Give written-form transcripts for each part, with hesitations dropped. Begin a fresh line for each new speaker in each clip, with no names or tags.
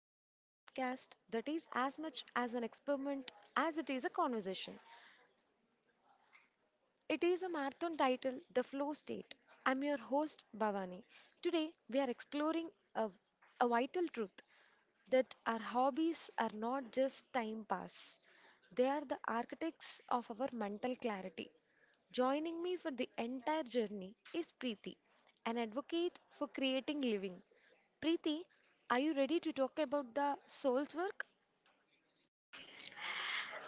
Welcome to a broadcast that is as much as an experiment as it is a conversation. It is a marathon title, The Flow State. I'm your host, Bhavani. Today, we are exploring a, a vital truth that our hobbies are not just time pass, they are the architects of our mental clarity. Joining me for the entire journey is Preeti, an advocate for creating living. Preeti, are you ready to talk about the soul's work?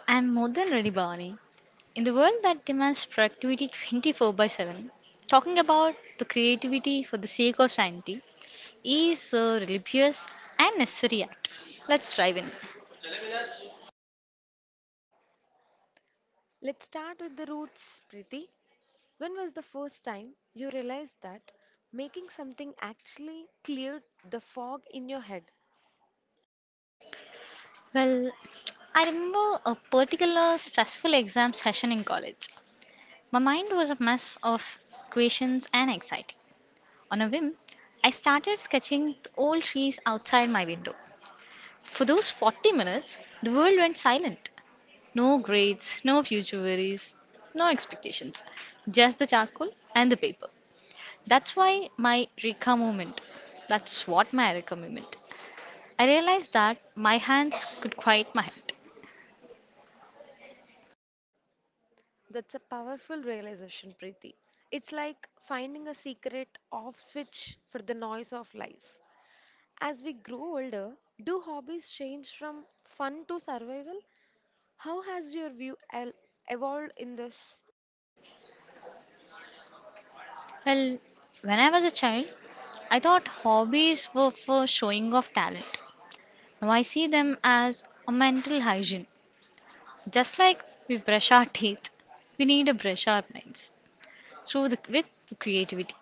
I am more than ready, Barney. In the world that demands productivity 24 by 7, talking about the creativity for the sake of sanity is a religious and necessary act. Let's dive in.
Let's start with the roots, Preeti. When was the first time you realized that making something actually cleared the fog in your head?
Well, I remember a particular stressful exam session in college. My mind was a mess of equations and anxiety. On a whim, I started sketching the old trees outside my window. For those 40 minutes, the world went silent. No grades, no future worries, no expectations. Just the charcoal and the paper. That's why my Rika moment. That's what my Rika moment. I realized that my hands could quiet my head.
That's a powerful realization, Preeti. It's like finding a secret off switch for the noise of life. As we grow older, do hobbies change from fun to survival? How has your evolved in this?
Well, when I was a child, I thought hobbies were for showing off talent. Now I see them as a mental hygiene. Just like we brush our teeth, we need to brush our minds with the creativity.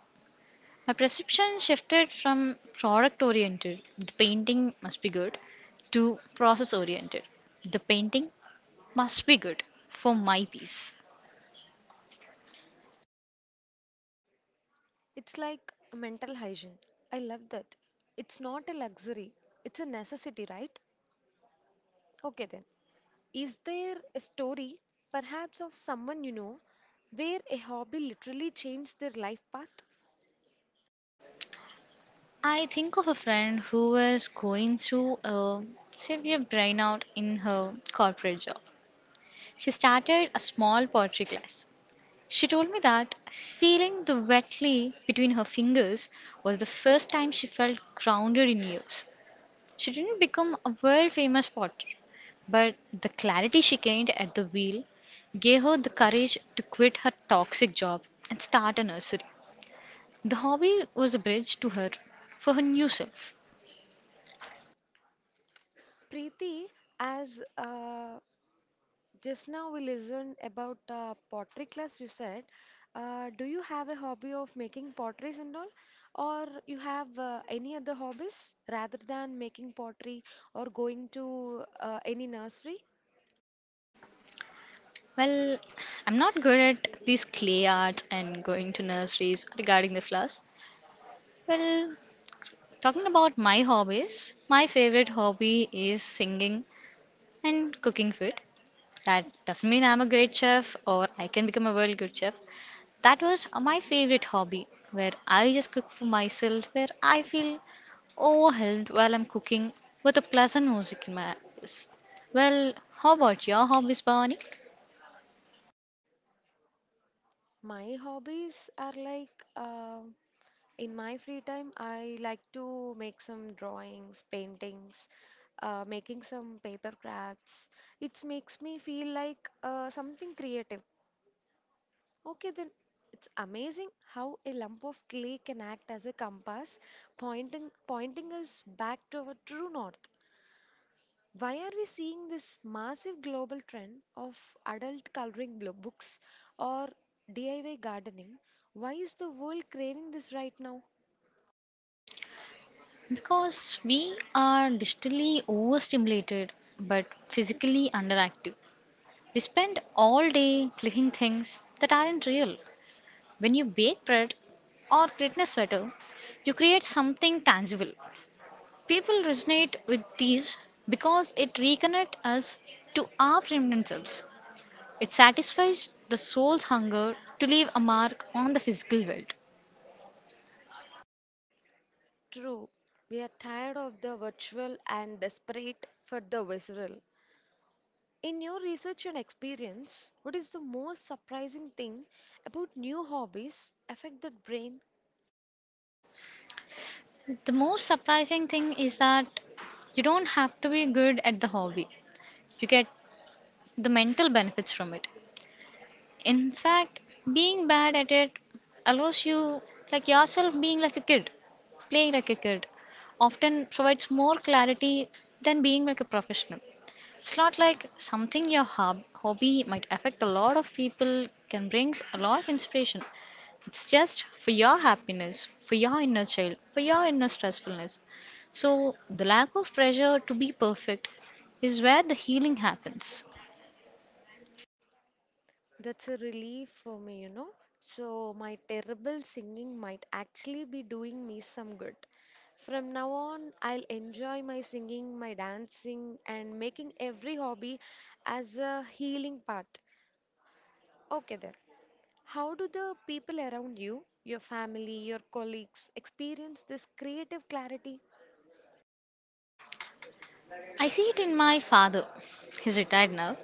My perception shifted from product oriented, the painting must be good, to process oriented, the painting must be good for my piece.
It's like mental hygiene. I love that. It's not a luxury, it's a necessity, right? Okay, then. Is there a story, perhaps of someone you know, where a hobby literally changed their life path?
I think of a friend who was going through a severe burnout in her corporate job. She started a small pottery class. She told me that feeling the wet clay between her fingers was the first time she felt grounded in years. She didn't become a world famous potter, but the clarity she gained at the wheel gave her the courage to quit her toxic job and start a nursery. The hobby was a bridge to her for her new self.
Preeti, as just now we listened about pottery class, you said, do you have a hobby of making potteries and all, or you have any other hobbies rather than making pottery or going to any nursery?
Well, I'm not good at these clay arts and going to nurseries regarding the flowers. Well, talking about my hobbies, my favorite hobby is singing and cooking food. That doesn't mean I'm a great chef or I can become a world good chef. That was my favorite hobby, where I just cook for myself, where I feel overwhelmed while I'm cooking with a pleasant music in my ears. Well, how about your hobbies, Bhavani?
My hobbies are like in my free time, I like to make some drawings, paintings, making some paper crafts. It makes me feel like something creative. Okay, then it's amazing how a lump of clay can act as a compass, pointing us back to our true north. Why are we seeing this massive global trend of adult coloring books or DIY gardening? Why is the world craving this right now?
Because we are digitally overstimulated but physically underactive. We spend all day clicking things that aren't real. When you bake bread or create a sweater, you create something tangible. People resonate with these because it reconnects us to our primitive selves. It satisfies the soul's hunger to leave a mark on the physical world.
True, we are tired of the virtual and desperate for the visceral. In your research and experience, what is the most surprising thing about new hobbies affect the brain?
The most surprising thing is that you don't have to be good at the hobby. You get the mental benefits from it. In fact, being bad at it allows you, like yourself, being like a kid, playing like a kid, often provides more clarity than being like a professional. It's not like something your hobby might affect a lot of people can brings a lot of inspiration. It's just for your happiness, for your inner child, for your inner stressfulness. So the lack of pressure to be perfect is where the healing happens.
That's a relief for me, you know. So, my terrible singing might actually be doing me some good. From now on, I'll enjoy my singing, my dancing, and making every hobby as a healing part. Okay, then. How do the people around you, your family, your colleagues, experience this creative clarity?
I see it in my father. He's retired now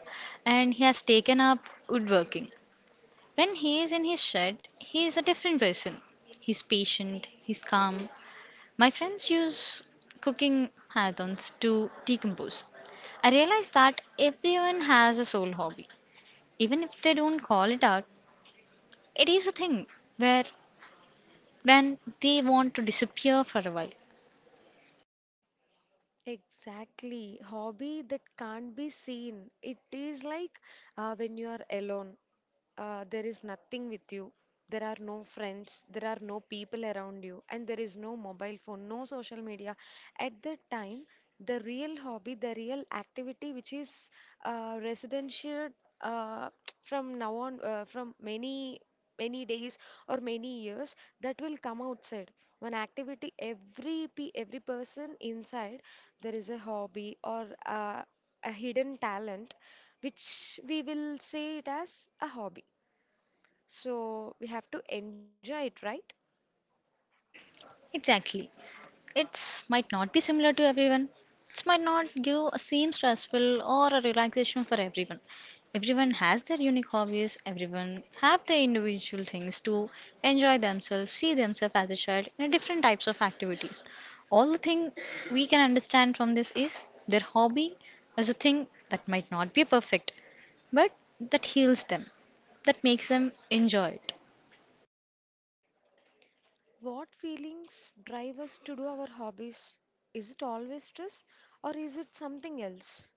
and he has taken up woodworking. When he is in his shed, he is a different person. He's patient, he's calm. My friends use cooking marathons to decompose. I realize that everyone has a soul hobby. Even if they don't call it out, it is a thing where when they want to disappear for a while.
Exactly. Hobby that can't be seen. It is like when you are alone, there is nothing with you. There are no friends, there are no people around you, and there is no mobile phone, no social media. At that time, the real hobby, the real activity, which is residential uh, from now on, from many days or many years that will come outside one activity every person inside there is a hobby or a hidden talent which we will say it as a hobby, so we have to enjoy it, right?
Exactly. It's might not be similar to everyone. It might not give a same stressful or a relaxation for everyone. Everyone has their unique hobbies. Everyone have their individual things to enjoy themselves, see themselves as a child in a different types of activities. All the thing we can understand from this is their hobby is a thing that might not be perfect, but that heals them, that makes them enjoy it.
What feelings drive us to do our hobbies? Is it always stress or is it something else?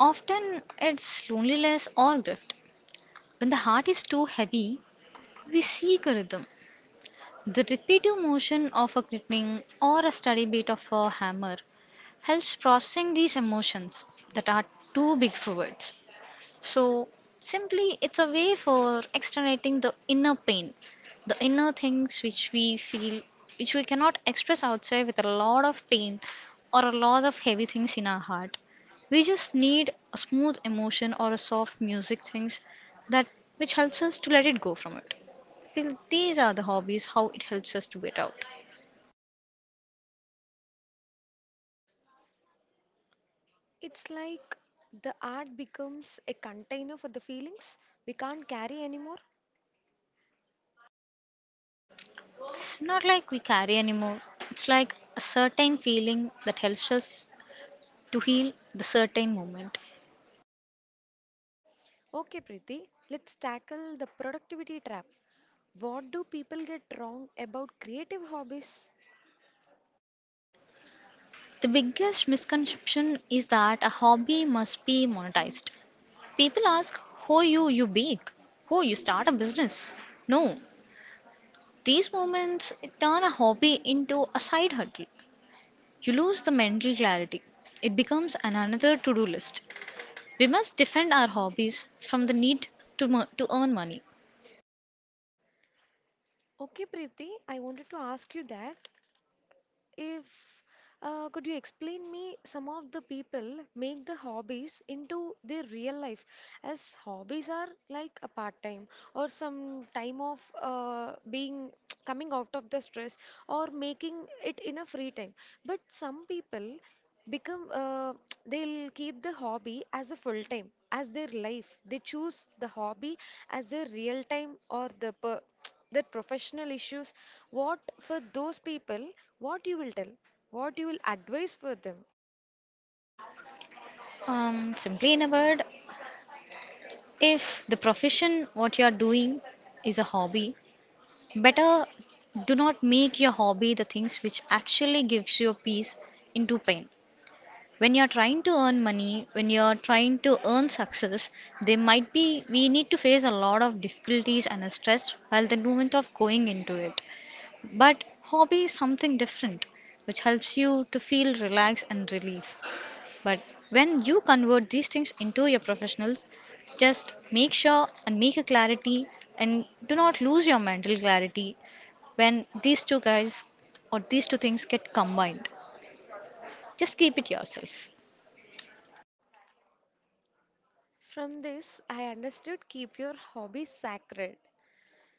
Often it's loneliness or drift. When the heart is too heavy, we seek a rhythm. The repetitive motion of a knitting or a steady beat of a hammer helps processing these emotions that are too big for words. So, simply, it's a way for externating the inner pain, the inner things which we feel, which we cannot express outside with a lot of pain or a lot of heavy things in our heart. We just need a smooth emotion or a soft music things that which helps us to let it go from it feel these are the hobbies, how it helps us to get out.
It's like the art becomes a container for the feelings we can't carry anymore.
It's not like we carry anymore, it's like a certain feeling that helps us to heal the certain moment.
Okay, Preeti, let's tackle the productivity trap. What do people get wrong about creative hobbies?
The biggest misconception is that a hobby must be monetized. People ask, "How you, you bake? Oh, you start a business?" No, these moments turn a hobby into a side hustle. You lose the mental clarity. It becomes an another to do list. We must defend our hobbies from the need to earn money.
Okay, Preeti, I wanted to ask you that. If could you explain me some of the people make the hobbies into their real life as hobbies are like a part time or some time of being coming out of the stress or making it in a free time. But some people become they'll keep the hobby as a full time as their life. They choose the hobby as their real time or the per that professional issues, what for those people, what you will tell, what you will advise for them?
Simply in a word, if the profession what you are doing is a hobby, better do not make your hobby the things which actually gives you peace into pain. When you are trying to earn money, when you are trying to earn success, they might be we need to face a lot of difficulties and a stress while the moment of going into it. But hobby is something different, which helps you to feel relaxed and relief. But when you convert these things into your professionals, just make sure and make a clarity and do not lose your mental clarity when these two guys or these two things get combined. Just keep it yourself.
From this, I understood, keep your hobby sacred.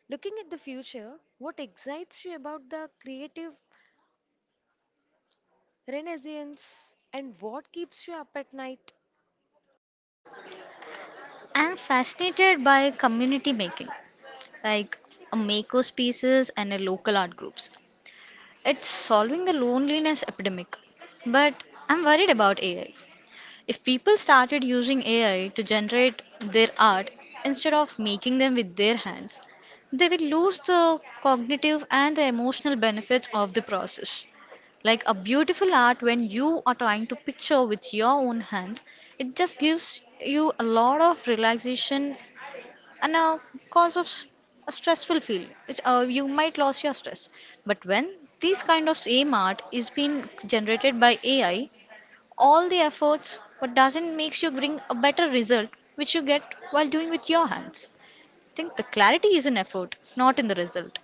Looking at the future, what excites you about the creative renaissance and what keeps you up at night?
I'm fascinated by community making, like a maker spaces and a local art groups. It's solving the loneliness epidemic. But I'm worried about AI. If people started using AI to generate their art instead of making them with their hands, they will lose the cognitive and the emotional benefits of the process. Like a beautiful art, when you are trying to picture with your own hands, it just gives you a lot of relaxation and a cause of s- a stressful feel, which you might lose your stress. But when this kind of same art is being generated by AI, all the efforts, what doesn't makes you bring a better result, which you get while doing with your hands. I think the clarity is in effort, not in the result.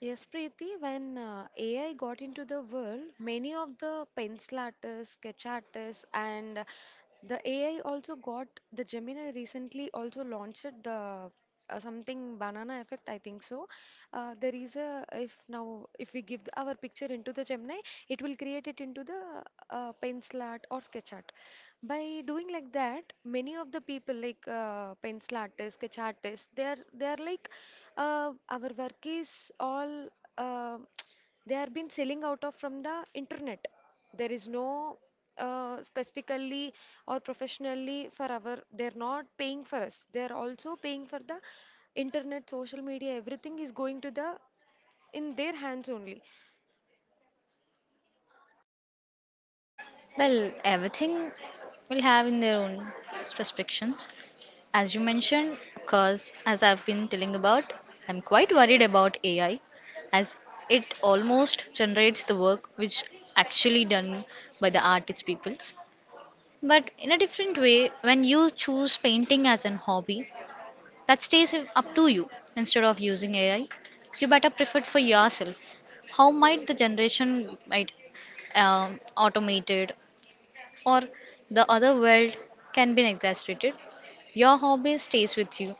Yes, Preeti, when AI got into the world, many of the pencil artists, sketch artists, and the AI also got the Gemini recently also launched the something banana effect, I think so. There is a if now if we give our picture into the Gemini, it will create it into the pencil art or sketch art. By doing like that, many of the people like pencil artists sketch artists they are like our work is all uh, they are been selling out of from the internet, there is no specifically or professionally for our, they're not paying for us, they're also paying for the internet social media, everything is going to the in their hands only.
Well, everything will have in their own restrictions. As you mentioned, because as I've been telling about, I'm quite worried about AI, as it almost generates the work which actually done by the artist people. But in a different way, when you choose painting as an hobby, that stays up to you. Instead of using AI, you better prefer it for yourself. How might the generation might automated or the other world can be exaggerated? Your hobby stays with you.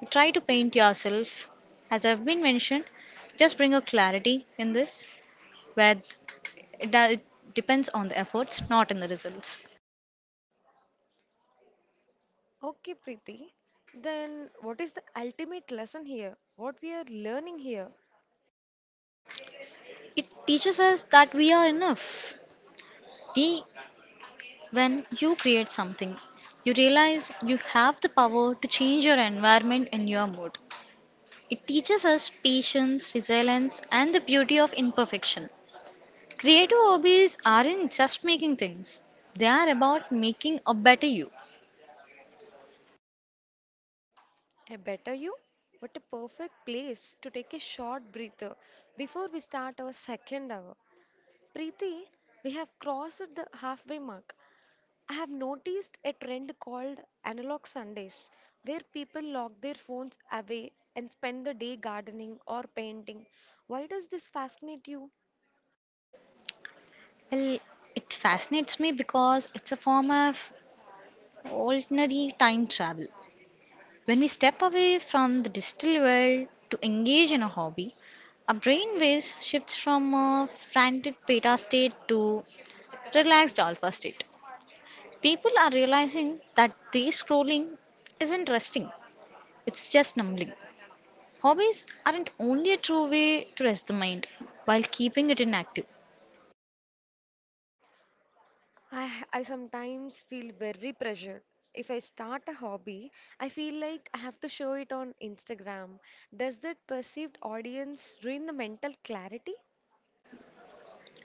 You try to paint yourself, as I've been mentioned. Just bring a clarity in this, where it depends on the efforts, not in the results.
Okay, Preeti. Then what is the ultimate lesson here? What we are learning here?
It teaches us that we are enough. We When you create something, you realize you have the power to change your environment and your mood. It teaches us patience, resilience, and the beauty of imperfection. Creative hobbies aren't just making things, they are about making a better you.
A better you? What a perfect place to take a short breather before we start our second hour. Preeti, we have crossed the halfway mark. I have noticed a trend called analog Sundays, where people lock their phones away and spend the day gardening or painting. Why does this fascinate you?
Well, it fascinates me because it's a form of ordinary time travel. When we step away from the digital world to engage in a hobby, our brain waves shifts from a frantic beta state to relaxed alpha state. People are realizing that these scrolling isn't resting, it's just numbing. Hobbies aren't only a true way to rest the mind while keeping it inactive.
I sometimes feel very pressured. If I start a hobby, I feel like I have to show it on Instagram. Does that perceived audience ruin the mental clarity?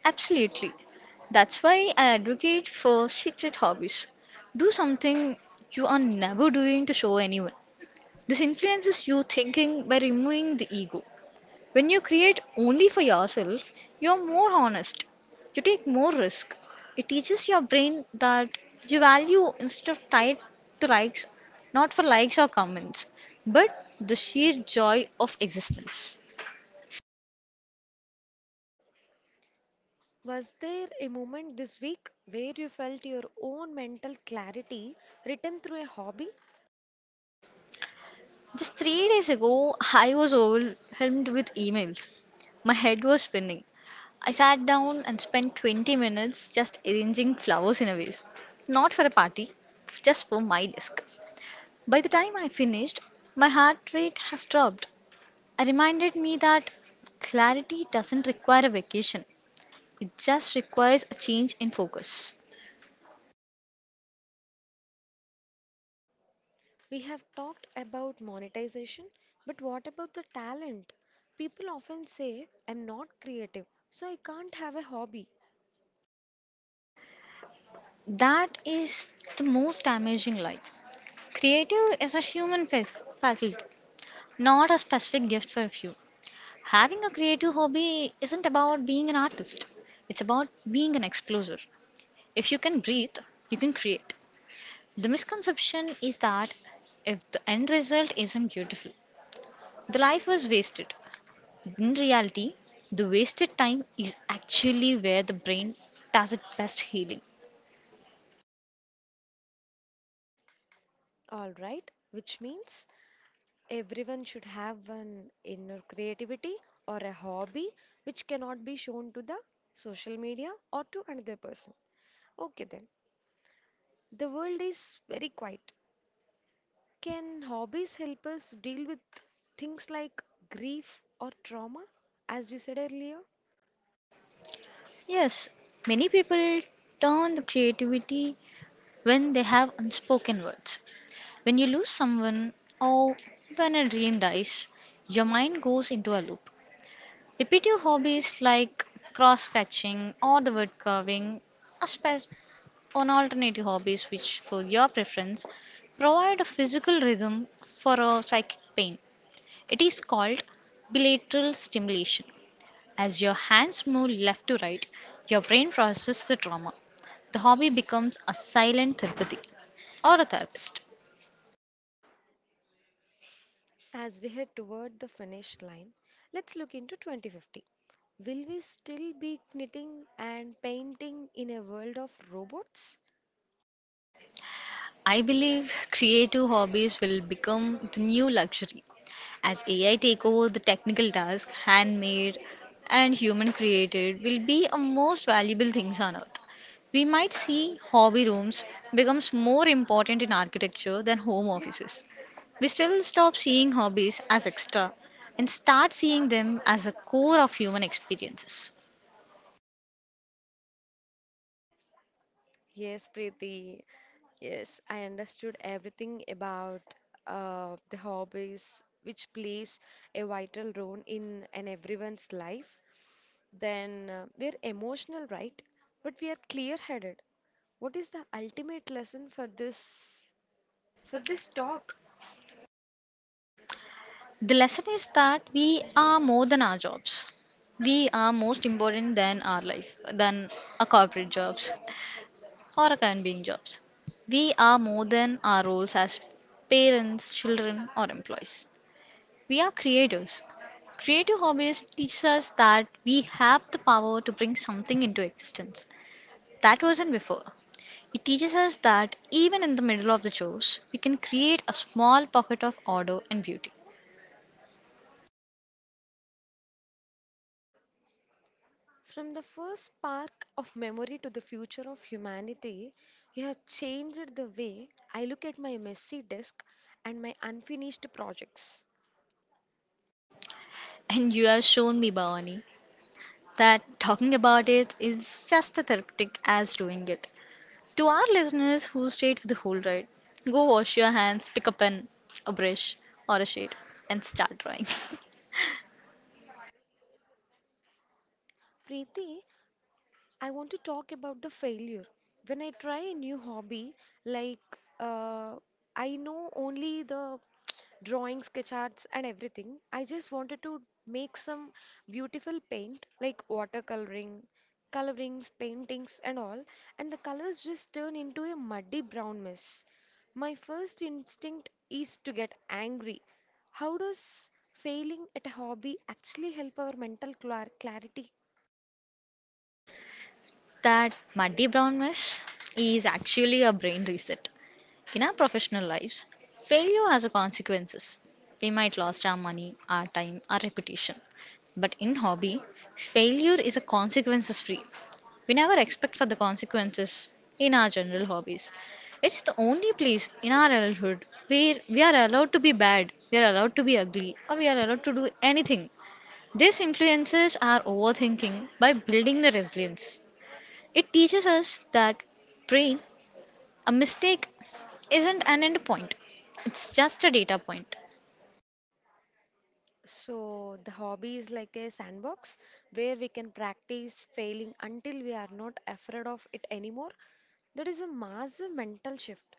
Absolutely. That's why I advocate for secret hobbies. Do something you are never doing to show anyone. This influences your thinking by removing the ego. When you create only for yourself, you are more honest. You take more risk. It teaches your brain that you value instead of tied to likes, not for likes or comments, but the sheer joy of existence.
Was there a moment this week where you felt your own mental clarity written through a hobby?
Just 3 days ago, I was overwhelmed with emails. My head was spinning. I sat down and spent 20 minutes just arranging flowers in a vase. Not for a party, just for my desk. By the time I finished, my heart rate has dropped. I reminded me that clarity doesn't require a vacation, it just requires a change in focus.
We have talked about monetization, but what about the talent? People often say, I'm not creative, so I can't have a hobby.
That is the most damaging lie. Creative is a human faculty, not a specific gift for a few. Having a creative hobby isn't about being an artist, it's about being an explorer. If you can breathe, you can create. The misconception is that if the end result isn't beautiful, the life was wasted. In reality, the wasted time is actually where the brain does its best healing.
All right, which means everyone should have an inner creativity or a hobby which cannot be shown to the social media or to another person. Okay, then. The world is very quiet. Can hobbies help us deal with things like grief or trauma? As you said earlier,
Yes, many people turn the creativity when they have unspoken words. When you lose someone or when a dream dies, your mind goes into a loop. Repetitive hobbies like cross patching or the word carving are spe- on alternative hobbies which for your preference provide a physical rhythm for a psychic pain. It is called bilateral stimulation. As your hands move left to right, your brain processes the trauma. The hobby becomes a silent therapy or a therapist.
as we head toward the finish line, let's look into 2050. Will we still be knitting and painting in a world of robots?
I believe creative hobbies will become the new luxury as AI take over the technical task, handmade and human created will be a most valuable things on earth. We might see hobby rooms becomes more important in architecture than home offices. We still stop seeing hobbies as extra and start seeing them as a core of human experiences.
Yes, Preeti. Yes, I understood everything about the hobbies which plays a vital role in everyone's life. Then we're emotional, right? But we are clear-headed. What is the ultimate lesson for this talk?
The lesson is that we are more than our jobs. We are most important than our life, than our corporate jobs or our current being jobs. We are more than our roles as parents, children, or employees. We are creators. Creative hobbies teach us that we have the power to bring something into existence that wasn't before. It teaches us that even in the middle of the chores, we can create a small pocket of order and beauty.
From the first spark of memory to the future of humanity, you have changed the way I look at my messy desk and my unfinished projects.
And you have shown me, Bhavani, that talking about it is just as therapeutic as doing it. To our listeners who stayed for the whole ride, go wash your hands, pick a pen, a brush, or a shade, and start drawing.
Preeti, I want to talk about the failure. When I try a new hobby, like I know only the drawing, sketch arts, and everything, I just wanted to make some beautiful paint, like watercoloring, colorings, paintings, and all, and the colors just turn into a muddy brown mess. My first instinct is to get angry. How does failing at a hobby actually help our mental clarity?
That muddy brown mesh is actually a brain reset. In our professional lives, failure has a consequences. We might lost our money, our time, our reputation. But in hobby, failure is a consequences free. We never expect for the consequences in our general hobbies. It's the only place in our adulthood where we are allowed to be bad, we are allowed to be ugly, or we are allowed to do anything. This influences our overthinking by building the resilience. It teaches us that brain, a mistake isn't an end point. It's just a data point.
So the hobby is like a sandbox where we can practice failing until we are not afraid of it anymore. That is a massive mental shift.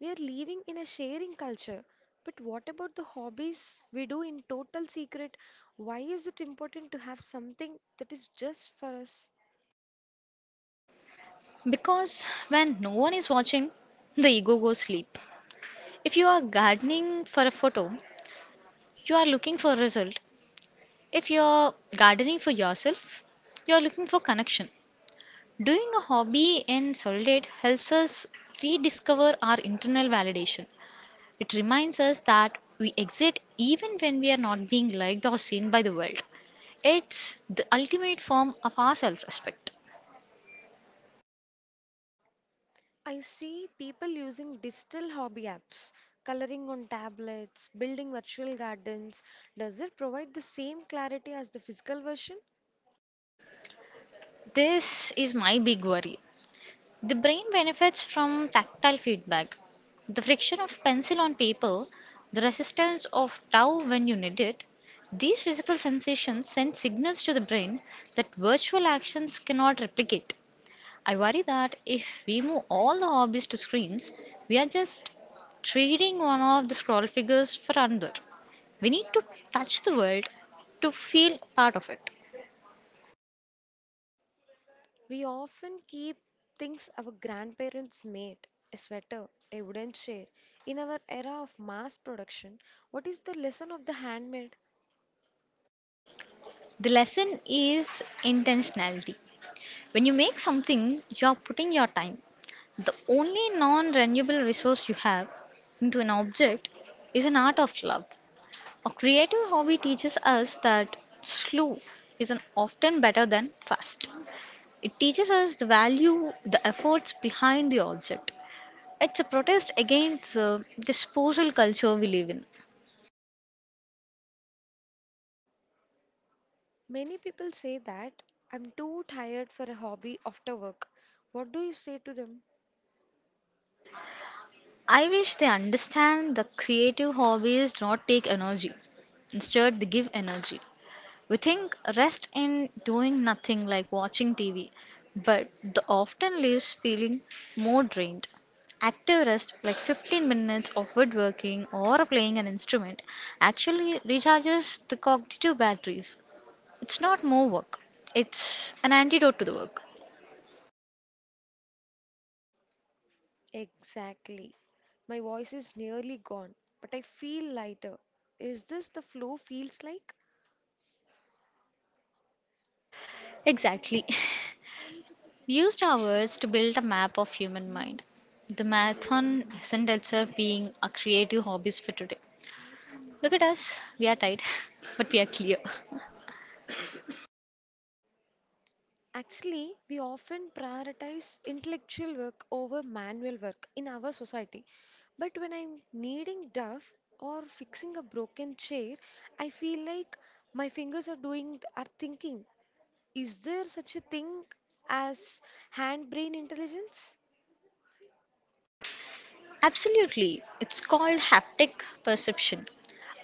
We are living in a sharing culture. But what about the hobbies we do in total secret? Why is it important to have something that is just for us?
Because when no one is watching, the ego goes sleep. If you are gardening for a photo, you are looking for a result. If you're gardening for yourself, you're looking for connection. Doing a hobby in solitude helps us rediscover our internal validation. It reminds us that we exist even when we are not being liked or seen by the world. It's the ultimate form of our self respect.
I see people using digital hobby apps, coloring on tablets, building virtual gardens. Does it provide the same clarity as the physical version?
This is my big worry. The brain benefits from tactile feedback. The friction of pencil on paper, the resistance of tau when you need it, these physical sensations send signals to the brain that virtual actions cannot replicate. I worry that if we move all the hobbies to screens, we are just trading one of the scroll figures for another. We need to touch the world to feel part of it.
We often keep things our grandparents made, a sweater, a wooden chair. In our era of mass production, what is the lesson of the handmade?
The lesson is intentionality. When you make something, you are putting your time, the only non renewable resource you have into an object is an art of love. A creative hobby teaches us that slow is an often better than fast. It teaches us the value, the efforts behind the object. It's a protest against the disposal culture we live in.
Many people say that I'm too tired for a hobby after work. What do you say to them?
I wish they understand the creative hobbies do not take energy. Instead, they give energy. We think rest in doing nothing like watching TV, but the often leaves feeling more drained. Active rest, like 15 minutes of woodworking or playing an instrument, actually recharges the cognitive batteries. It's not more work, it's an antidote to the work.
Exactly. My voice is nearly gone, but I feel lighter. Is this the flow feels like?
Exactly. We used our words to build a map of human mind. The marathon isn't itself being a creative hobbies for today. Look at us, we are tired, but we are clear.
Actually, we often prioritize intellectual work over manual work in our society. But when I'm kneading duff or fixing a broken chair, I feel like my fingers are doing are thinking. Is there such a thing as hand brain intelligence?
Absolutely. It's called haptic perception.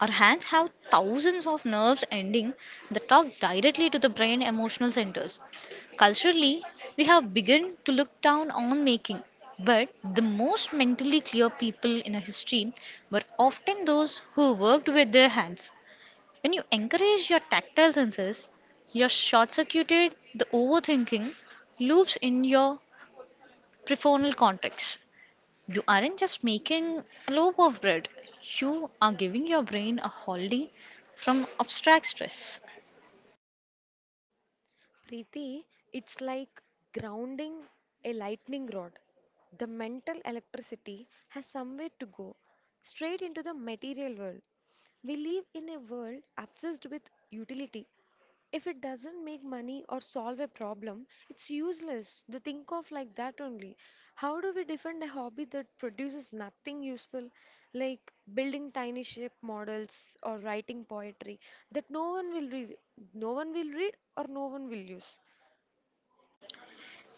Our hands have thousands of nerves ending that talk directly to the brain emotional centers. Culturally, we have begun to look down on making, but the most mentally clear people in our history were often those who worked with their hands. When you encourage your tactile senses, you're short circuited the overthinking loops in your prefrontal cortex. You aren't just making a loaf of bread, you are giving your brain a holiday from abstract stress.
Preeti, it's like grounding a lightning rod. The mental electricity has somewhere to go, straight into the material world. We live in a world obsessed with utility. If it doesn't make money or solve a problem, it's useless to think of like that only. How do we defend a hobby that produces nothing useful, like building tiny shape models or writing poetry that no one will read, or no one will use?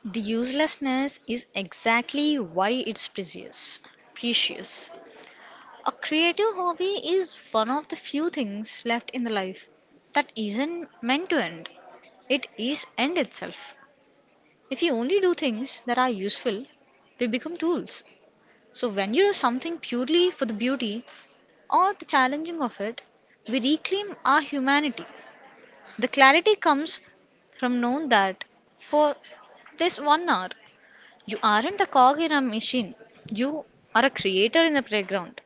The uselessness is exactly why it's precious. Precious. A creative hobby is one of the few things left in the life that isn't meant to end. It is end itself. If you only do things that are useful, they become tools. So when you do something purely for the beauty, or the challenging of it, we reclaim our humanity. The clarity comes from knowing that for this 1 hour, you aren't a cog in a machine, you are a creator in the playground.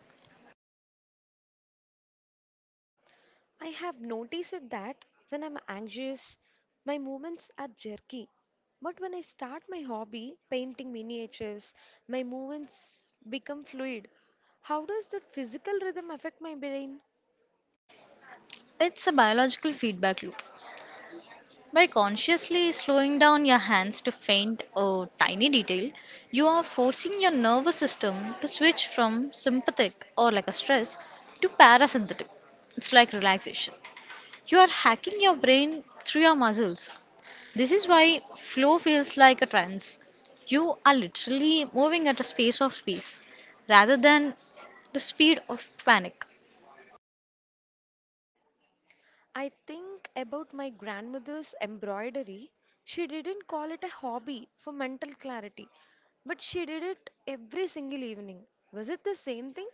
I have noticed it that when I'm anxious, my movements are jerky. But when I start my hobby, painting miniatures, my movements become fluid. How does that physical rhythm affect my brain?
It's a biological feedback loop. By consciously slowing down your hands to faint a tiny detail, you are forcing your nervous system to switch from sympathetic or like a stress to parasympathetic. It's like relaxation. You are hacking your brain through your muscles. This is why flow feels like a trance. You are literally moving at a space of space rather than the speed of panic.
I think about my grandmother's embroidery. She didn't call it a hobby for mental clarity, but she did it every single evening. Was it the same thing?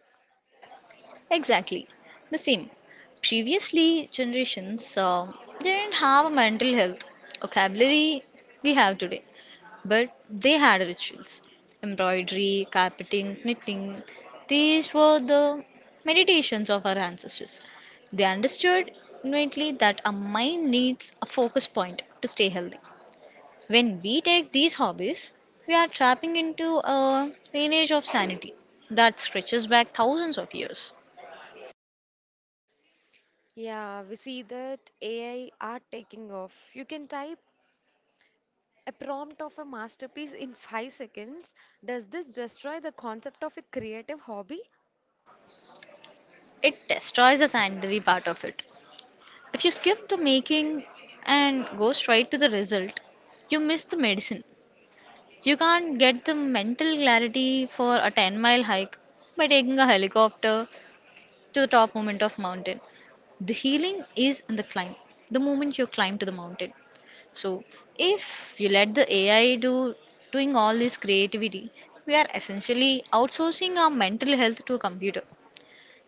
Exactly the same. Previously, generations didn't have a mental health vocabulary we have today. But they had rituals embroidery, carpeting, knitting. These were the meditations of our ancestors. They understood innately that our mind needs a focus point to stay healthy. When we take these hobbies, we are tapping into a lineage of sanity that stretches back thousands of years.
Yeah, we see that AI are taking off. You can type a prompt of a masterpiece in 5 seconds. Does this destroy the concept of a creative hobby?
It destroys the sanitary part of it. If you skip the making and go straight to the result, you miss the medicine. You can't get the mental clarity for a 10-mile hike by taking a helicopter to the top moment of mountain. The healing is in the climb, the moment you climb to the mountain. So if you let the AI do doing all this creativity, we are essentially outsourcing our mental health to a computer.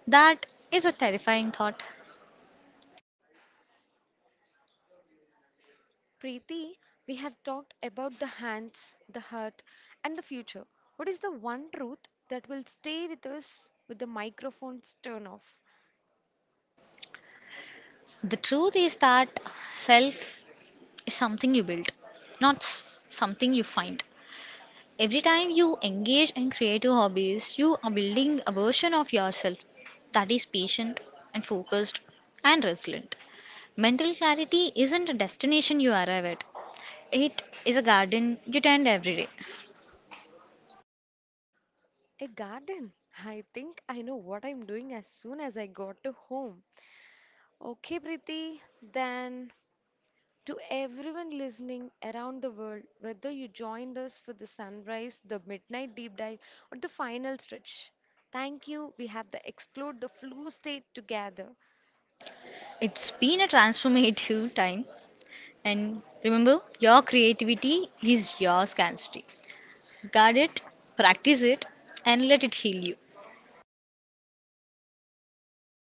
That is a terrifying thought.
Preeti, we have talked about the hands, the heart, and the future. What is the one truth that will stay with us with the microphone's turn off?
The truth is that self is something you build, not something you find. Every time you engage in creative hobbies, you are building a version of yourself that is patient and focused and resilient. Mental clarity isn't a destination you arrive at, it is a garden you tend every day.
A garden. I think I know what I'm doing as soon as I got to home. Okay, Preeti, then, to everyone listening around the world, whether you joined us for the sunrise, the midnight deep dive, or the final stretch, thank you. We have the explored the flu state together.
It's been a transformative time, and remember, your creativity is your scarcity. Guard it, practice it, and let it heal you.